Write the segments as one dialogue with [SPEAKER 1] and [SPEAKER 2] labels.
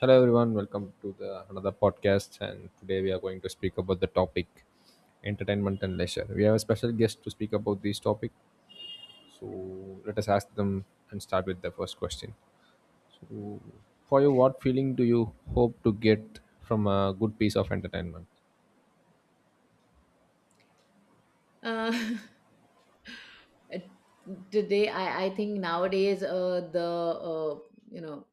[SPEAKER 1] Hello everyone, welcome to the another podcast, and today we are going to speak about the topic entertainment and leisure. We have a special guest to speak about this topic. So let us ask them and start with the first question. So, for you, what feeling do you hope to get from a good piece of entertainment?
[SPEAKER 2] Uh, Today, I think nowadays, the you know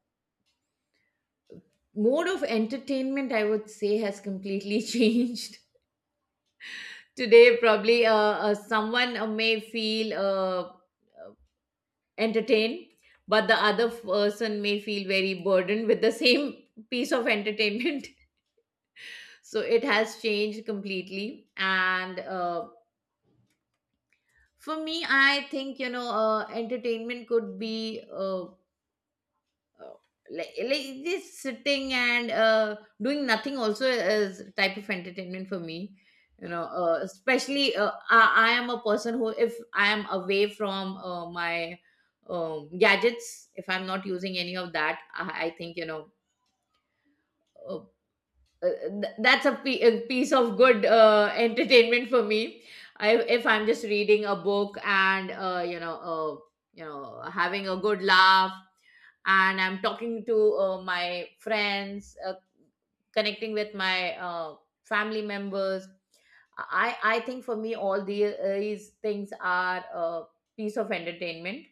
[SPEAKER 2] mode of entertainment, I would say, has completely changed. Today, probably someone may feel entertained, but the other person may feel very burdened with the same piece of entertainment. So it has changed completely. And For me, I think entertainment could be. Uh, uh, like, like just sitting and doing nothing also is type of entertainment for me. Especially I am a person who if I am away from my gadgets, if I'm not using any of that, I think uh, that's a piece of good entertainment for me. If I'm just reading a book and having a good laugh, and I'm talking to my friends, connecting with my family members. I think for me these things are a piece of entertainment.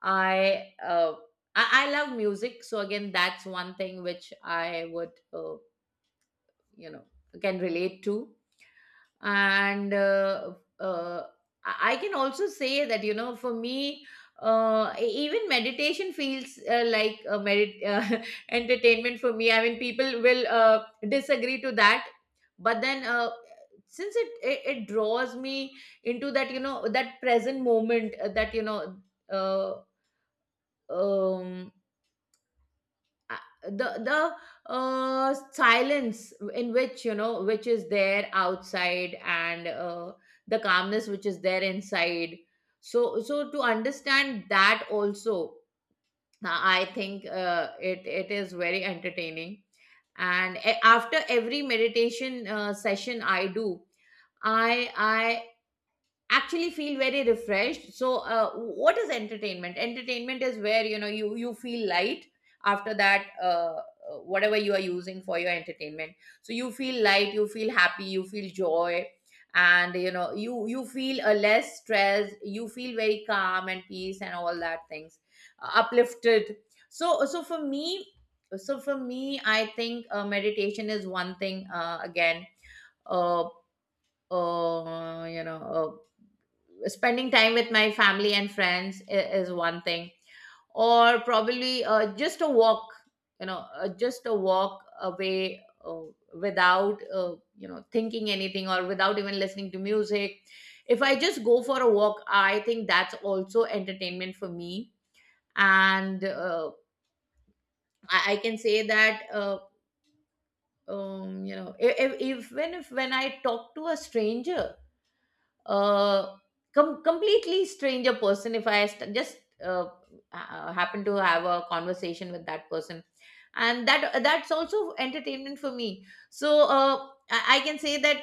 [SPEAKER 2] I uh, I love music, so again that's one thing which I would you know can relate to. And uh, uh, i I can also say that you know for me even meditation feels like a merit entertainment for me. I mean, people will disagree to that, but then since it draws me into that, you know, that present moment, that you know uh, um uh, the silence in which you know which is there outside and the calmness which is there inside. So to understand that also, I think it is very entertaining. After every meditation session I do, I I actually feel very refreshed. So what is entertainment? Entertainment is where, you know, you feel light after that, whatever you are using for your entertainment. So you feel light, you feel happy, you feel joy, and you know you feel a less stressed, you feel very calm and peace and all that things, uplifted. So so for me so for me, I think meditation is one thing. Again uh, you know Spending time with my family and friends is one thing, or probably just a walk. Just a walk away, without thinking anything or without even listening to music. If I just go for a walk, I think that's also entertainment for me. And I can say that you know, if even if when I talk to a stranger, uh, completely stranger person, if just uh, happen to have a conversation with that person, and that that's also entertainment for me. So I can say that,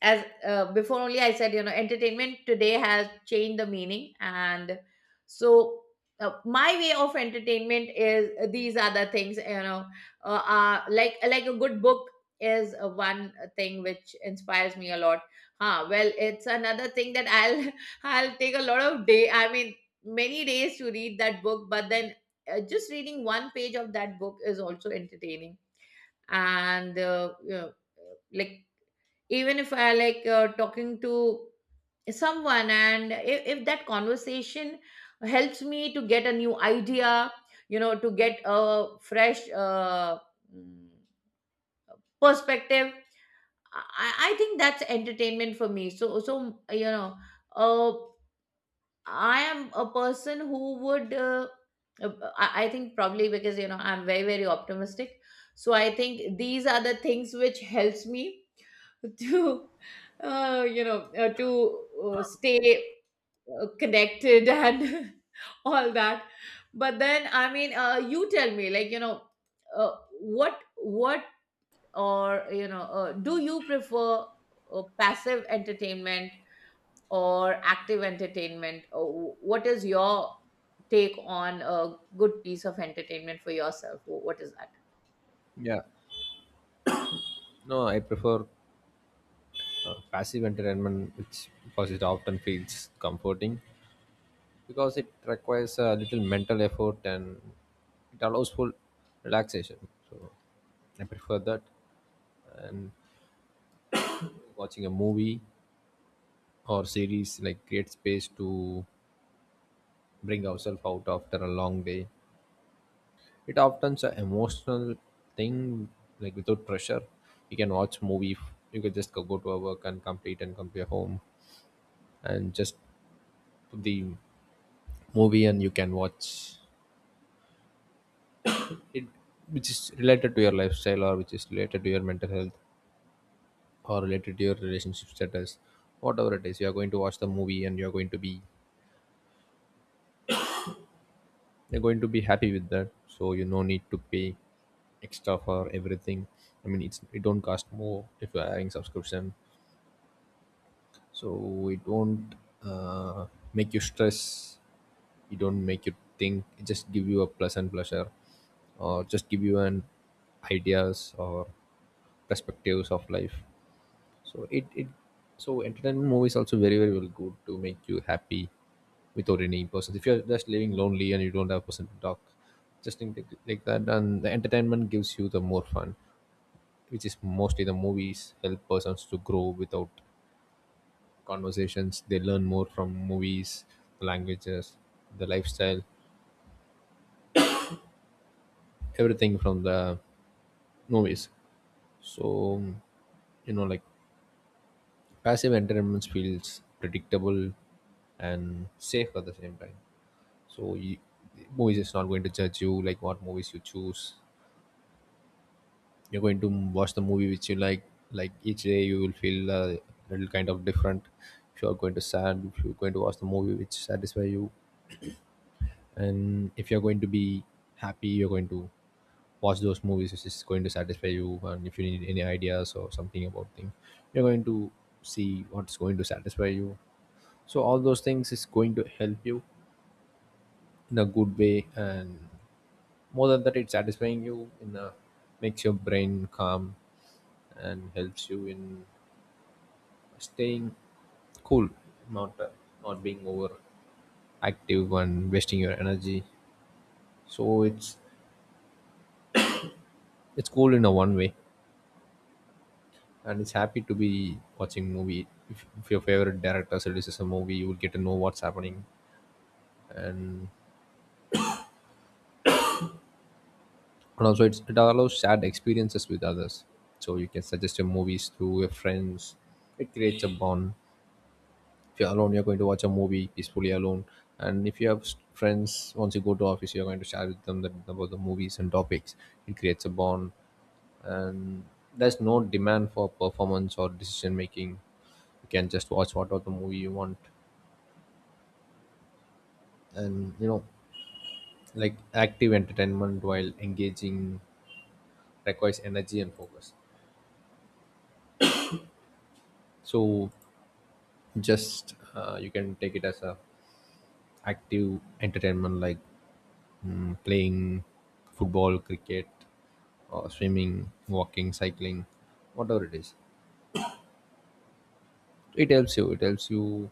[SPEAKER 2] as before only I said, you know, entertainment today has changed the meaning. And so My way of entertainment is, these are the things, you know, like a good book is one thing which inspires me a lot. Huh, well, it's another thing that I'll I'll take a lot of day, I mean, many days to read that book, but then just reading one page of that book is also entertaining. And uh, you know, like even if I like talking to someone, and if that conversation helps me to get a new idea, you know, to get a fresh mm, perspective, I think that's entertainment for me. Uh, I am a person who would, uh, I think probably because, you know, I'm very very optimistic, so I think these are the things which helps me to, to stay connected and all that. But then, I mean, you tell me, like, you know, uh, what what do you prefer passive entertainment or active entertainment? What is your take on a good piece of entertainment for yourself? What is that?
[SPEAKER 1] Yeah. No, I prefer passive entertainment, which because it often feels comforting, because it requires a little mental effort and it allows full relaxation. So I prefer that. And watching a movie or series like create space to bring ourselves out after a long day. It often is an emotional thing, like without pressure. You can watch movie. You can just go to a work and complete and come to your home and just put the movie and you can watch it, which is related to your lifestyle or which is related to your mental health or related to your relationship status. Whatever it is, you are going to watch the movie and you're going to be, you're going to be happy with that. So you no need to pay extra for everything. I mean, it's it don't cost more if you're having subscription, so it won't uh, make you stress. It don't make you think. It just give you a pleasant pleasure or just give you an ideas or perspectives of life. So it so entertainment movies also very very well good to make you happy without any person. If you're just living lonely and you don't have a person to talk, just think like that, and the entertainment gives you the more fun, which is mostly the movies help persons to grow without conversations. They learn more from movies, the languages, the lifestyle, everything from the movies. So you know, like passive entertainment feels predictable and safe at the same time. So you, movies is not going to judge you like what movies you choose. You're going to watch the movie which you like. Like each day you will feel a little kind of different. If you're going to sad, if you're going to watch the movie which satisfy you, and if you're going to be happy, you're going to watch those movies which is going to satisfy you. And if you need any ideas or something about things, you're going to see what's going to satisfy you. So all those things is going to help you in a good way, and more than that, it's satisfying you in a makes your brain calm and helps you in staying cool, not uh, not being over active and wasting your energy. So it's cool in a one way, and it's happy to be watching movie. If your favorite director releases a movie, you will get to know what's happening. And and also it's, it allows shared experiences with others, so you can suggest your movies to your friends. It creates a bond. If you're alone, you're going to watch a movie peacefully alone, and if you have friends, once you go to office, you're going to share with them that, about the movies and topics. It creates a bond, and there's no demand for performance or decision making. You can just watch whatever the movie you want. And you know, like active entertainment, while engaging, requires energy and focus. So just you can take it as a active entertainment like playing football, cricket, or swimming, walking, cycling, whatever it is. It helps you. It helps you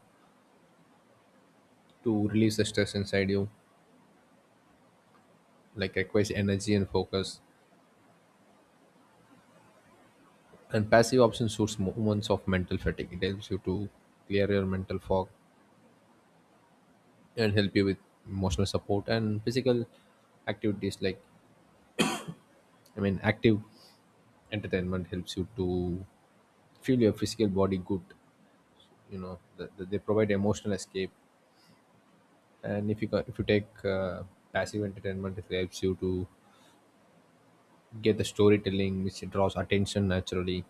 [SPEAKER 1] to release the stress inside you, like requires energy and focus. And passive option suits moments of mental fatigue. It helps you to clear your mental fog and help you with emotional support and physical activities. Like I mean, active entertainment helps you to feel your physical body good. You know, they provide emotional escape. And if you if you take passive entertainment, it helps you to get the storytelling, which draws attention naturally,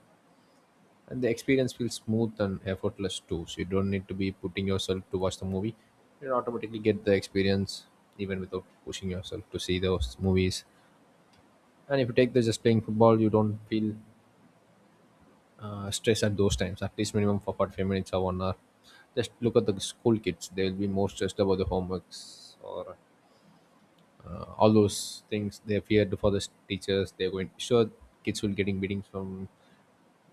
[SPEAKER 1] and the experience feels smooth and effortless too, so you don't need to be putting yourself to watch the movie. You automatically get the experience even without pushing yourself to see those movies. And if you take this just playing football, you don't feel stress at those times, at least minimum for 45 minutes or 1 hour. Just look at the school kids. They will be more stressed about the homeworks or all those things. They feared for the teachers. They're going sure kids will getting beatings from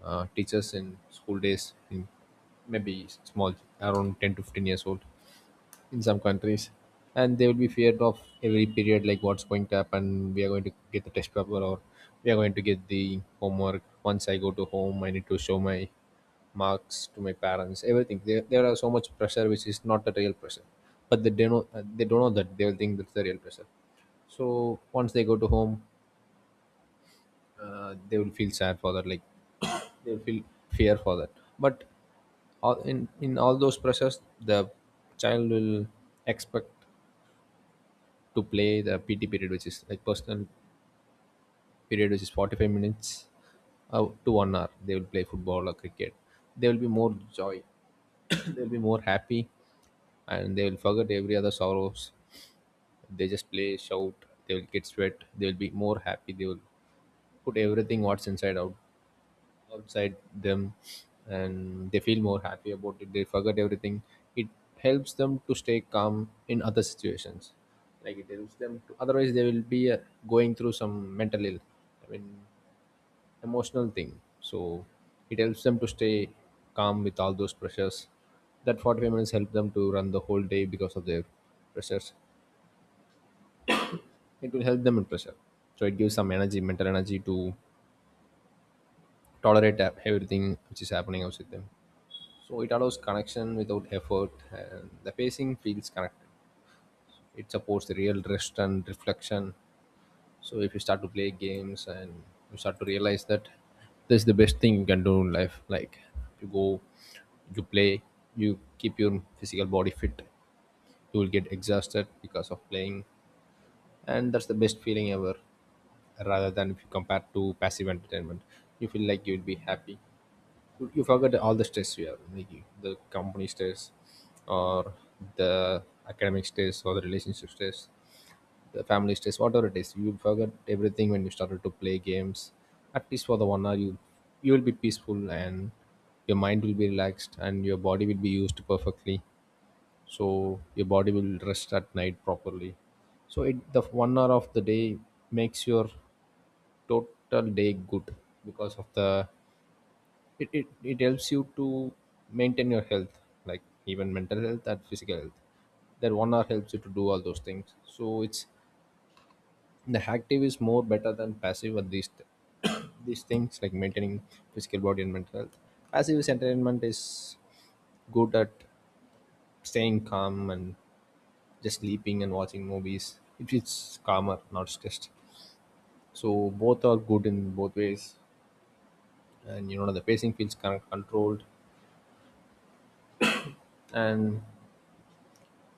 [SPEAKER 1] teachers in school days in maybe small around 10 to 15 years old in some countries. And they will be feared of every period, like what's going to happen. We are going to get the test paper, or we are going to get the homework. Once I go to home, I need to show my marks to my parents. Everything, there are so much pressure, which is not the real pressure. But they don't know, they don't know that they will think that's the real pressure. So once they go to home, they will feel sad for that. Like they will feel fear for that. But all in all those pressures, the child will expect to play the PT period, which is like personal period, which is 45 minutes to 1 hour. They will play football or cricket. There will be more joy. They will be more happy, and they will forget every other sorrows. They just play, shout. They will get sweat. They will be more happy. They will put everything what's inside out, outside them, and they feel more happy about it. They forget everything. It helps them to stay calm in other situations. Like it helps them to, otherwise they will be going through some mental ill, I mean emotional thing. So it helps them to stay calm with all those pressures. That 45 minutes help them to run the whole day, because of their pressures. It will help them in pressure. So it gives some energy, mental energy, to tolerate everything which is happening outside them. So it allows connection without effort, and the pacing feels connected. It supports the real rest and reflection. So if you start to play games and you start to realize that this is the best thing you can do in life, like you go, you play, you keep your physical body fit. You will get exhausted because of playing, and that's the best feeling ever. Rather than if you compare to passive entertainment, you feel like you will be happy. You forget all the stress you have, like you- the company stress or the academic stress or the relationship stress, the family stress, whatever it is, you forget everything when you started to play games. At least for the 1 hour, you will be peaceful and your mind will be relaxed and your body will be used perfectly. So your body will rest at night properly. So it the 1 hour of the day makes your total day good because of the it helps you to maintain your health, like even mental health and physical health. That 1 hour helps you to do all those things. So it's the active is more better than passive on these things, like maintaining physical body and mental health. Passive is entertainment is good at staying calm and just sleeping and watching movies, if it's calmer, not stressed. So both are good in both ways. And you know, the pacing feels kind of controlled and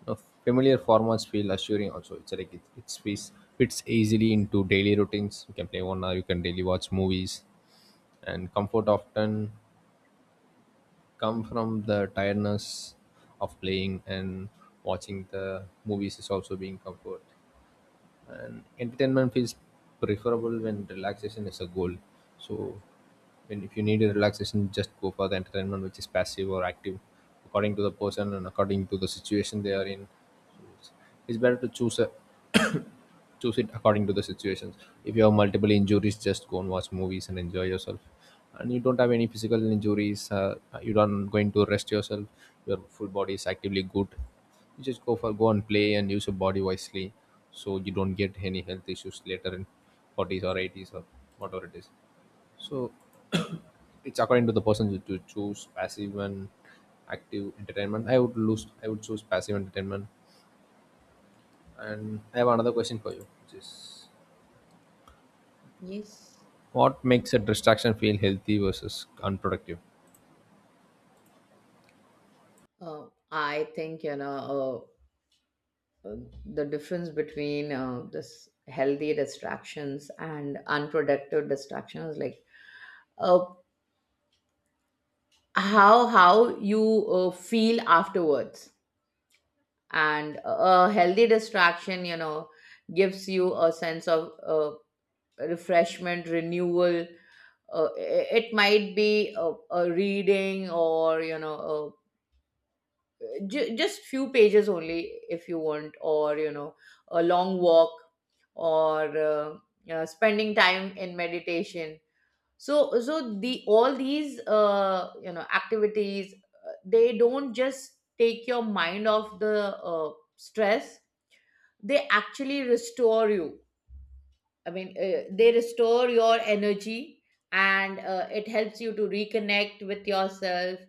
[SPEAKER 1] Uh, familiar formats feel assuring also. It's like it fits, fits easily into daily routines. You can play 1 hour, you can daily watch movies. And comfort often come from the tiredness of playing, and watching the movies is also being comfort. And entertainment feels preferable when relaxation is a goal. So when if you need a relaxation, just go for the entertainment which is passive or active, according to the person and according to the situation they are in. So it's better to choose a choose it according to the situations. If you have multiple injuries, just go and watch movies and enjoy yourself. And you don't have any physical injuries, you don't going to rest yourself. Your full body is actively good. You just go for go and play and use your body wisely, so you don't get any health issues later in 40s or 80s or whatever it is. So it's according to the person to choose passive and active entertainment. I would lose, I would choose passive entertainment. And I have another question for you, which is:
[SPEAKER 2] Yes,
[SPEAKER 1] what makes a distraction feel healthy versus unproductive?
[SPEAKER 2] I think, you know, uh, uh, the difference between this healthy distractions and unproductive distractions, like uh, how you feel afterwards. And a healthy distraction, you know, gives you a sense of refreshment, renewal. uh, it might be a reading, or you know, just few pages only if you want, or you know, a long walk, or spending time in meditation. So the all these activities, they don't just take your mind off the stress, they actually restore you. I mean, they restore your energy, and it helps you to reconnect with yourself.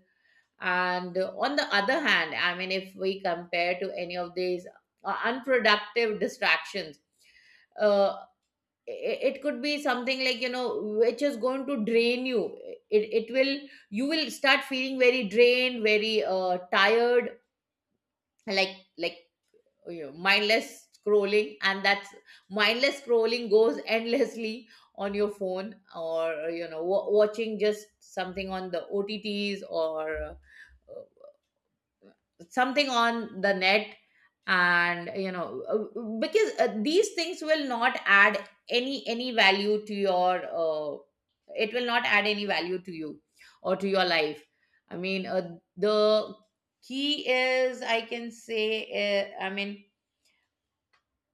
[SPEAKER 2] And On the other hand, I mean, if we compare to any of these unproductive distractions, uh, it could be something, like, you know, which is going to drain you. It will, you will start feeling very drained, very tired, like you know, mindless scrolling, and that's mindless scrolling goes endlessly on your phone, or you know, wa watching just something on the OTTs, or something on the net. And you know, because these things will not add any value to your it will not add any value to you or to your life. I mean, the key is, I can say, I mean,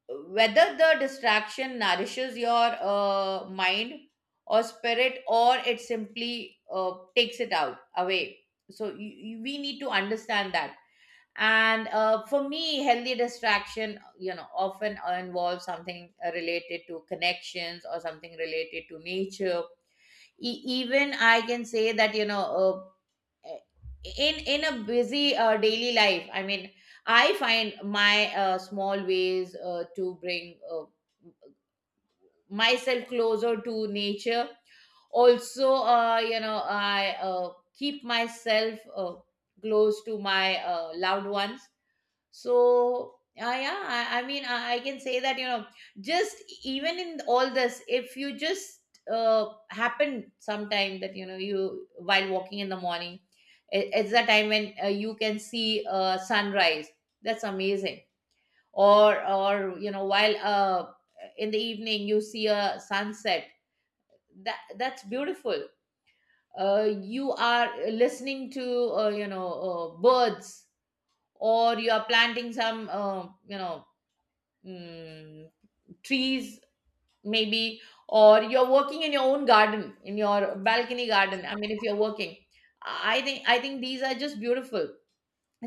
[SPEAKER 2] whether the distraction nourishes your mind or spirit, or it simply takes it out away. We need to understand that. And for me, healthy distraction, you know, often involves something related to connections or something related to nature. Even I can say that, you know, uh, in a busy daily life, I mean, I find my small ways to bring myself closer to nature. Also, you know, I keep myself close to my loved ones. So yeah, I can say that, you know, just even in all this, if you just happen sometime that, you know, you while walking in the morning, it's the time when you can see sunrise. That's amazing. Or you know, while in the evening you see a sunset. That's beautiful. You are listening to birds, or you are planting some mm, trees maybe, or you're working in your own garden, in your balcony garden, I mean, if you're working, I think these are just beautiful.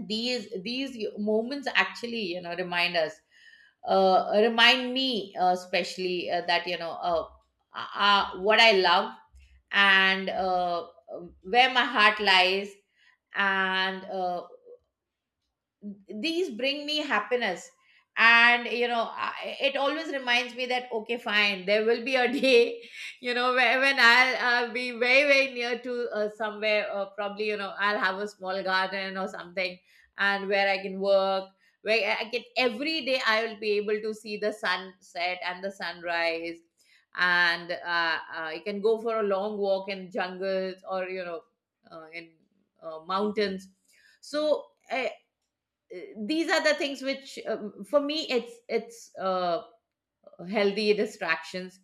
[SPEAKER 2] These moments actually, you know, remind us, remind me, especially, that, you know, what I love and where my heart lies, and these bring me happiness. And you know, I, it always reminds me that okay, fine, there will be a day you know, when I'll be very very near to somewhere, probably, you know, I'll have a small garden or something, and where I can work, where I can every day, I will be able to see the sunset and the sunrise, and I can go for a long walk in jungles, or you know, in mountains. So uh, these are the things which for me, it's healthy distractions.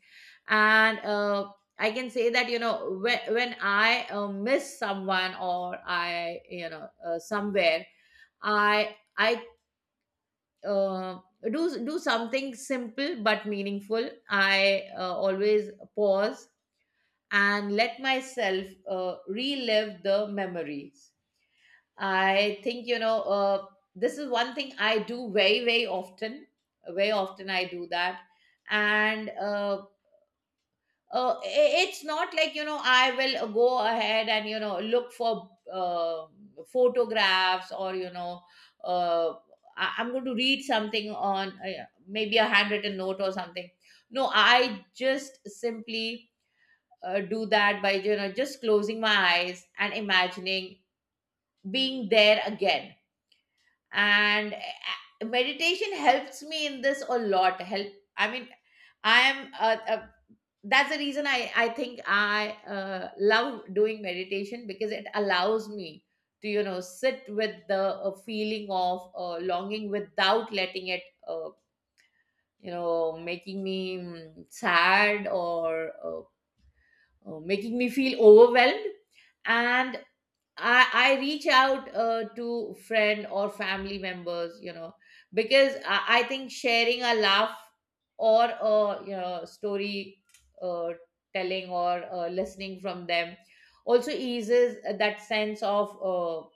[SPEAKER 2] And I can say that, you know, when I miss someone, or I, you know, uh, somewhere i i uh, do do something simple but meaningful, I always pause and let myself relive the memories. I think, you know, this is one thing I do very, very often. Very often I do that. And uh, it's not like, you know, I will go ahead and, you know, look for photographs, or, you know, uh, I'm going to read something on maybe a handwritten note or something. No, I just simply do that by, you know, just closing my eyes and imagining being there again. And meditation helps me in this a lot help I mean, I am that's the reason I think I love doing meditation, because it allows me to, you know, sit with the feeling of longing without letting it you know, making me sad, or making me feel overwhelmed. And I reach out to friend or family members, you know, because I think sharing a laugh or a story uh, telling, or listening from them also eases that sense of uh,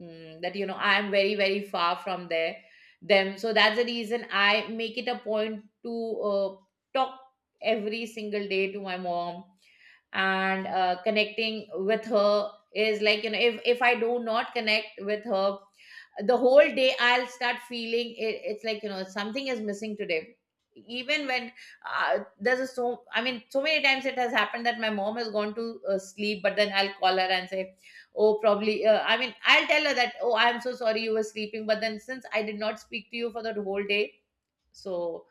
[SPEAKER 2] mm, that you know, I am very very far from there them. So that's the reason I make it a point to talk every single day to my mom. And connecting with her is like, you know, if I do not connect with her the whole day, I'll start feeling it's like, you know, something is missing today. Even when there's a so I mean, so many times it has happened that my mom has gone to sleep, but then I'll call her and say, oh, probably I mean, I'll tell her that, oh, I'm so sorry you were sleeping, but then since I did not speak to you for the whole day. So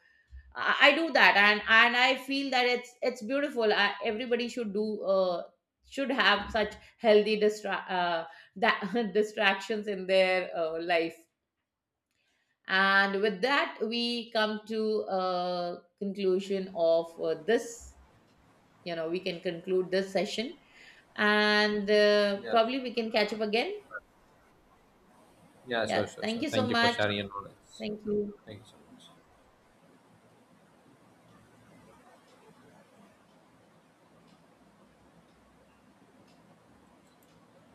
[SPEAKER 2] I do that, and I feel that it's beautiful. I, everybody should do should have such healthy distra that distractions in their life. And with that, we come to a conclusion of this. You know, we can conclude this session, and
[SPEAKER 1] Yeah,
[SPEAKER 2] probably we can catch up again.
[SPEAKER 1] yeah, sure,
[SPEAKER 2] Yeah,
[SPEAKER 1] sure,
[SPEAKER 2] thank
[SPEAKER 1] sure.
[SPEAKER 2] you so
[SPEAKER 1] Thank you for
[SPEAKER 2] much.
[SPEAKER 1] sharing your knowledge.
[SPEAKER 2] Thank you.
[SPEAKER 1] Thank you so much.